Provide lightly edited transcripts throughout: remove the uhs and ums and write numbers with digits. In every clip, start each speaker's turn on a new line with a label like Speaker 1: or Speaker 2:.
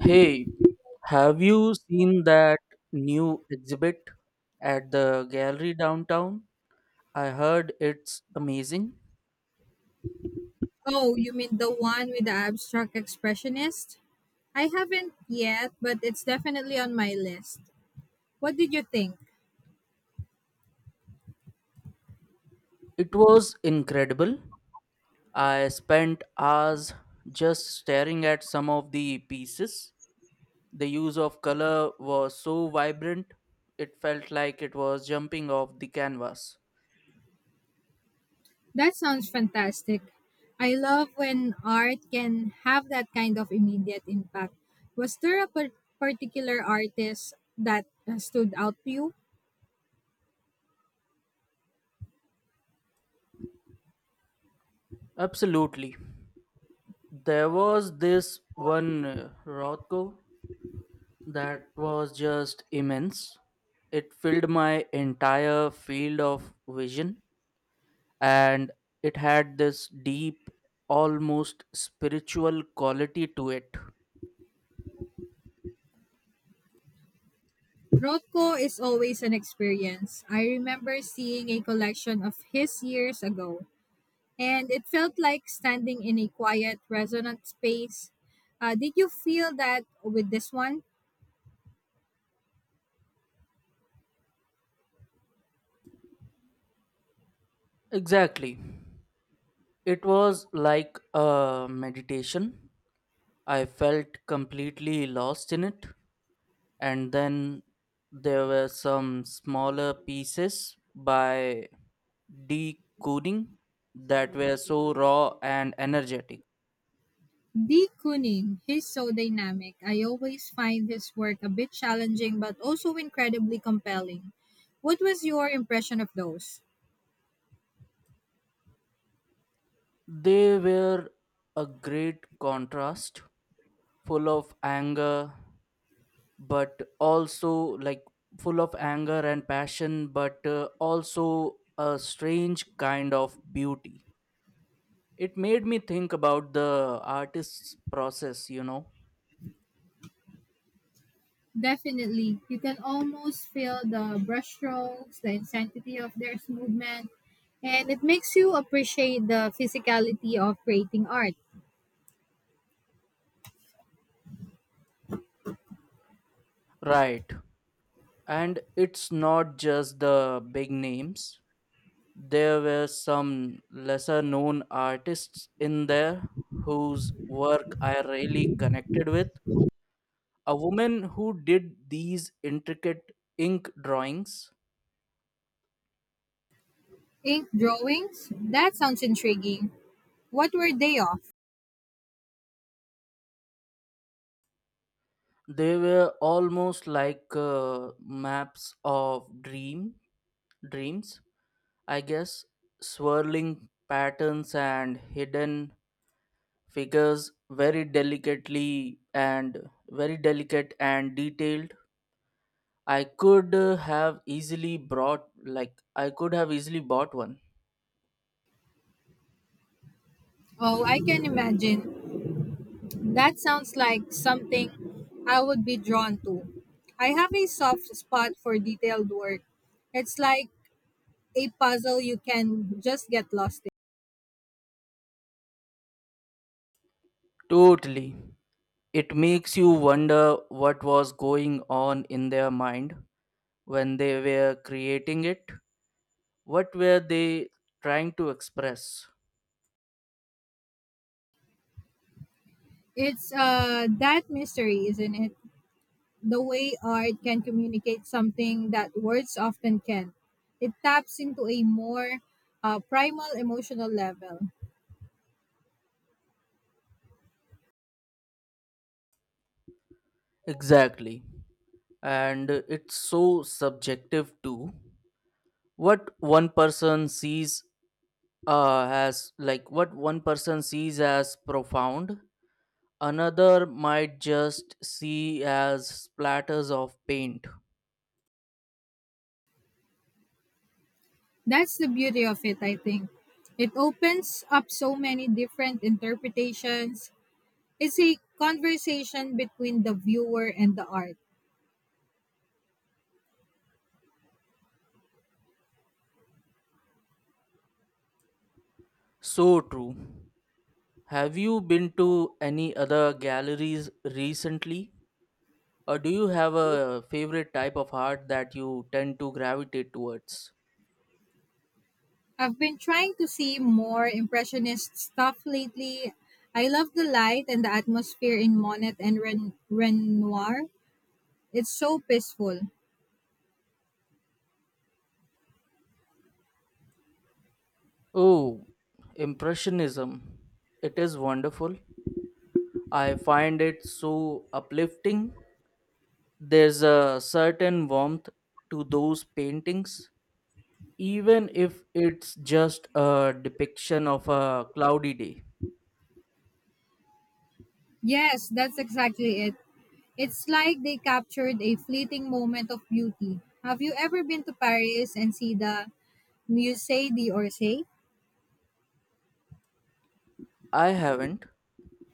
Speaker 1: Hey, have you seen that new exhibit at the gallery downtown? I heard it's amazing.
Speaker 2: Oh, you mean the one with the abstract expressionist? I haven't yet, but it's definitely on my list. What did you think?
Speaker 1: It was incredible. I spent hours just staring at some of the pieces. The use of color was so vibrant, it felt like it was jumping off the canvas.
Speaker 2: That sounds fantastic. I love when art can have that kind of immediate impact. Was there a particular artist that stood out to you?
Speaker 1: Absolutely. There was this one Rothko that was just immense. It filled my entire field of vision and it had this deep, almost spiritual quality to it.
Speaker 2: Rothko is always an experience. I remember seeing a collection of his years ago, and it felt like standing in a quiet, resonant space. Did you feel that with this one?
Speaker 1: Exactly. It was like a meditation. I felt completely lost in it. And then there were some smaller pieces by decoding that were so raw and energetic.
Speaker 2: D. Kooning, he's so dynamic. I always find his work a bit challenging but also incredibly compelling. What was your impression of those?
Speaker 1: They were a great contrast, full of anger, but also like full of anger and passion, but also a strange kind of beauty. It made me think about the artist's process.
Speaker 2: Definitely. You can almost feel the brushstrokes, the intensity of their movement, and it makes you appreciate the physicality of creating art.
Speaker 1: Right. And it's not just the big names. There were some lesser known artists in there whose work I really connected with, a woman who did these intricate ink drawings.
Speaker 2: Ink drawings? That sounds intriguing. What were they of?
Speaker 1: They were almost like maps of dreams I guess, swirling patterns and hidden figures, very delicate and detailed. I could have easily brought like I could have easily bought one.
Speaker 2: Oh, I can imagine. That sounds like something I would be drawn to. I have a soft spot for detailed work. It's like a puzzle you can just get lost in.
Speaker 1: Totally. It makes you wonder what was going on in their mind when they were creating it. What were they trying to express?
Speaker 2: It's that mystery, isn't it? The way art can communicate something that words often can. It taps into a more primal emotional level.
Speaker 1: Exactly. And it's so subjective too. What one person sees what one person sees as profound, another might just see as splatters of paint.
Speaker 2: That's the beauty of it, I think. It opens up so many different interpretations. It's a conversation between the viewer and the art.
Speaker 1: So true. Have you been to any other galleries recently? Or do you have a favorite type of art that you tend to gravitate towards?
Speaker 2: I've been trying to see more impressionist stuff lately. I love the light and the atmosphere in Monet and Renoir. It's so peaceful.
Speaker 1: Oh, Impressionism. It is wonderful. I find it so uplifting. There's a certain warmth to those paintings, even if it's just a depiction of a cloudy day.
Speaker 2: Yes, that's exactly it. It's like they captured a fleeting moment of beauty. Have you ever been to Paris and see the Musée d'Orsay?
Speaker 1: I haven't.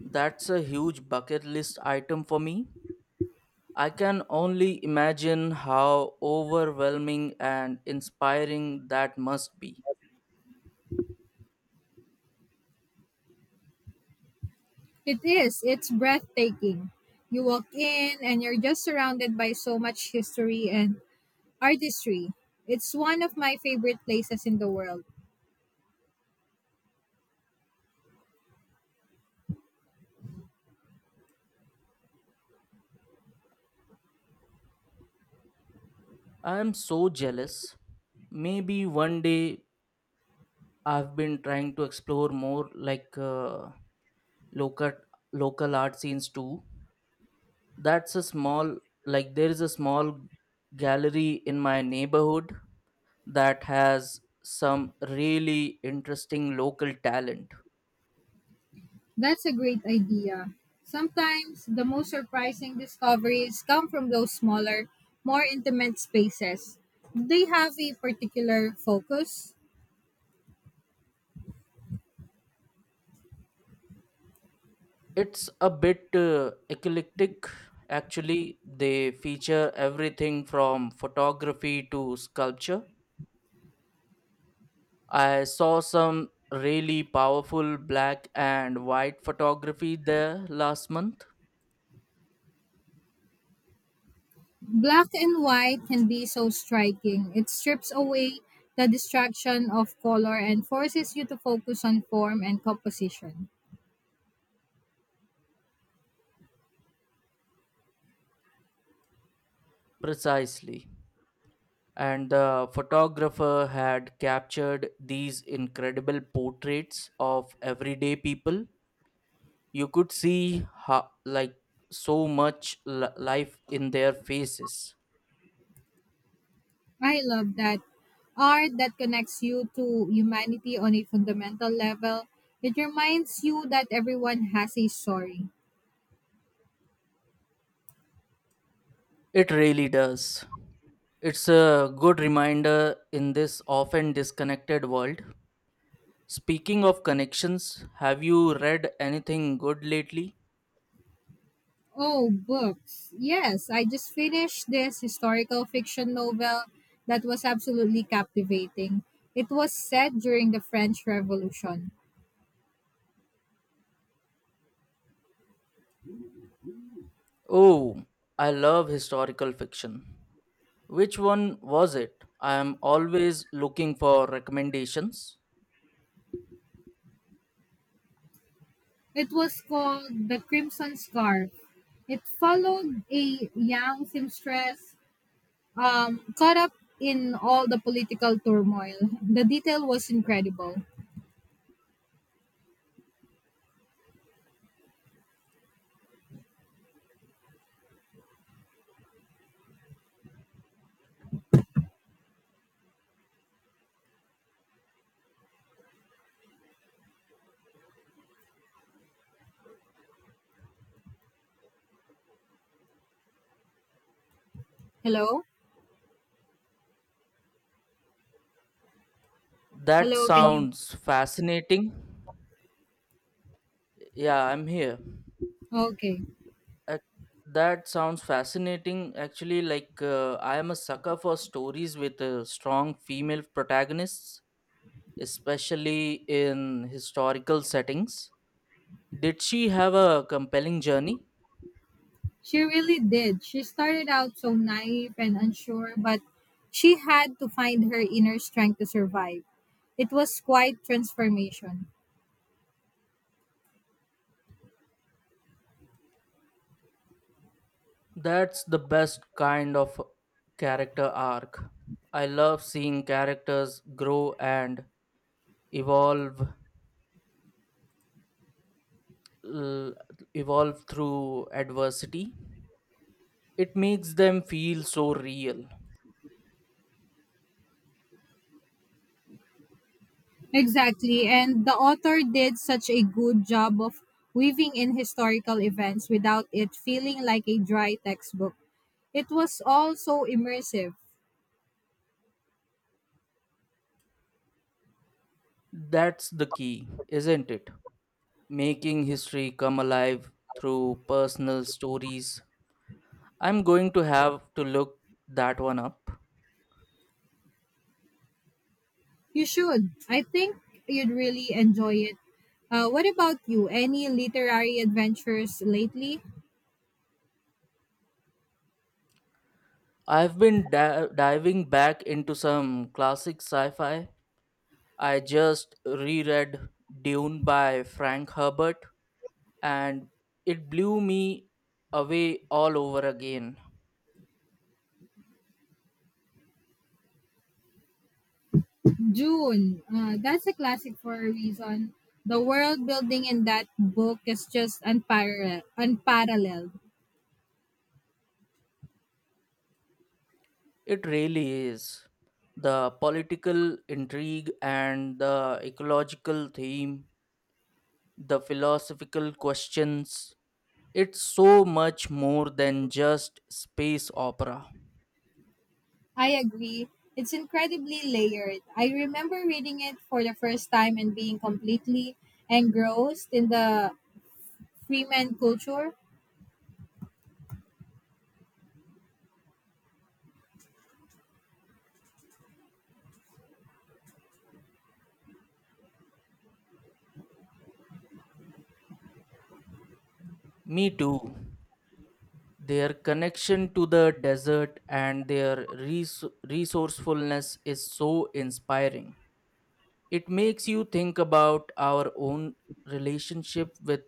Speaker 1: That's a huge bucket list item for me. I can only imagine how overwhelming and inspiring that must be.
Speaker 2: It is. It's breathtaking. You walk in and you're just surrounded by so much history and artistry. It's one of my favorite places in the world.
Speaker 1: I am so jealous. Maybe one day. I've been trying to explore more local local art scenes too. That's a small like there is a small gallery in my neighborhood that has some really interesting local talent.
Speaker 2: That's a great idea. Sometimes the most surprising discoveries come from those smaller, more intimate spaces. Do they have a particular focus?
Speaker 1: It's a bit eclectic. Actually, they feature everything from photography to sculpture. I saw some really powerful black and white photography there last month.
Speaker 2: Black and white can be so striking. It strips away the distraction of color and forces you to focus on form and composition.
Speaker 1: Precisely. And the photographer had captured these incredible portraits of everyday people. You could see how, so much life in their faces.
Speaker 2: I love that. Art that connects you to humanity on a fundamental level. It reminds you that everyone has a story.
Speaker 1: It really does. It's a good reminder in this often disconnected world. Speaking of connections, have you read anything good lately?
Speaker 2: Oh, books. Yes, I just finished this historical fiction novel that was absolutely captivating. It was set during the French Revolution.
Speaker 1: Oh, I love historical fiction. Which one was it? I am always looking for recommendations.
Speaker 2: It was called The Crimson Scarf. It followed a young seamstress caught up in all the political turmoil. The detail was incredible. Hello?
Speaker 1: That
Speaker 2: Hello, can you?
Speaker 1: sounds fascinating. Yeah, I'm here.
Speaker 2: Okay.
Speaker 1: Ac- That sounds fascinating. Actually, I am a sucker for stories with strong female protagonists, especially in historical settings. Did she have a compelling journey?
Speaker 2: She really did. She started out so naive and unsure, but she had to find her inner strength to survive. It was quite transformation.
Speaker 1: That's the best kind of character arc. I love seeing characters grow and evolve l- evolve through adversity. It makes them feel so real.
Speaker 2: Exactly, and the author did such a good job of weaving in historical events without it feeling like a dry textbook. It was all so immersive.
Speaker 1: That's the key, isn't it? Making history come alive through personal stories. I'm going to have to look that one up.
Speaker 2: You should. I think you'd really enjoy it. What about you? Any literary adventures lately?
Speaker 1: I've been diving back into some classic sci fi. I just reread Dune by Frank Herbert, and it blew me away all over again.
Speaker 2: June. That's a classic for a reason. The world building in that book is just unparalleled.
Speaker 1: It really is. The political intrigue and the ecological theme, the philosophical questions. It's so much more than just space opera.
Speaker 2: I agree. It's incredibly layered. I remember reading it for the first time and being completely engrossed in the Freeman culture.
Speaker 1: Me too. Their connection to the desert and their resourcefulness is so inspiring. It makes you think about our own relationship with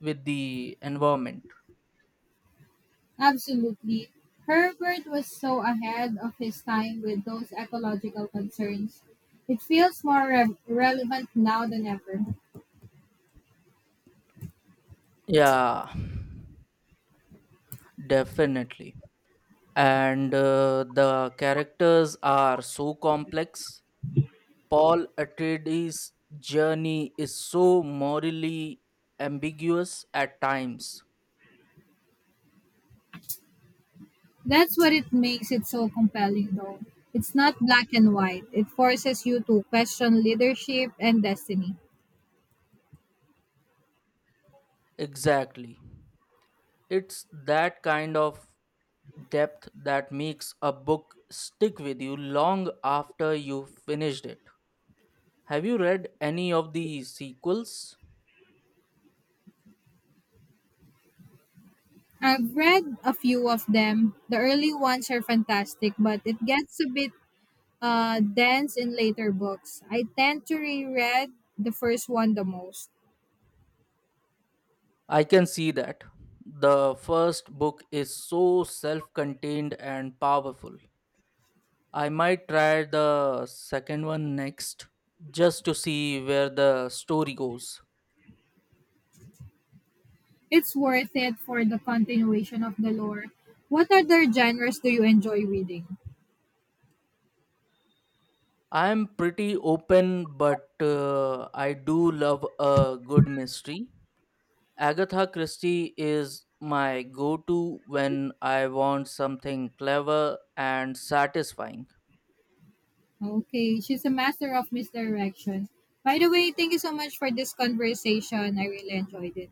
Speaker 1: with the environment.
Speaker 2: Absolutely. Herbert was so ahead of his time with those ecological concerns. It feels more relevant now than ever.
Speaker 1: Yeah, definitely. And the characters are so complex. Paul Atreides' journey is so morally ambiguous at times.
Speaker 2: That's what it makes it so compelling, though. It's not black and white, it forces you to question leadership and destiny.
Speaker 1: Exactly. It's that kind of depth that makes a book stick with you long after you've finished it. Have you read any of the sequels?
Speaker 2: I've read a few of them. The early ones are fantastic, but it gets a bit dense in later books. I tend to reread the first one the most.
Speaker 1: I can see that. The first book is so self contained and powerful. I might try the second one next, just to see where the story goes.
Speaker 2: It's worth it for the continuation of the lore. What other genres do you enjoy reading?
Speaker 1: I am pretty open, but I do love a good mystery. Agatha Christie is my go to when I want something clever and satisfying.
Speaker 2: Okay, she's a master of misdirection. By the way, thank you so much for this conversation. I really enjoyed it.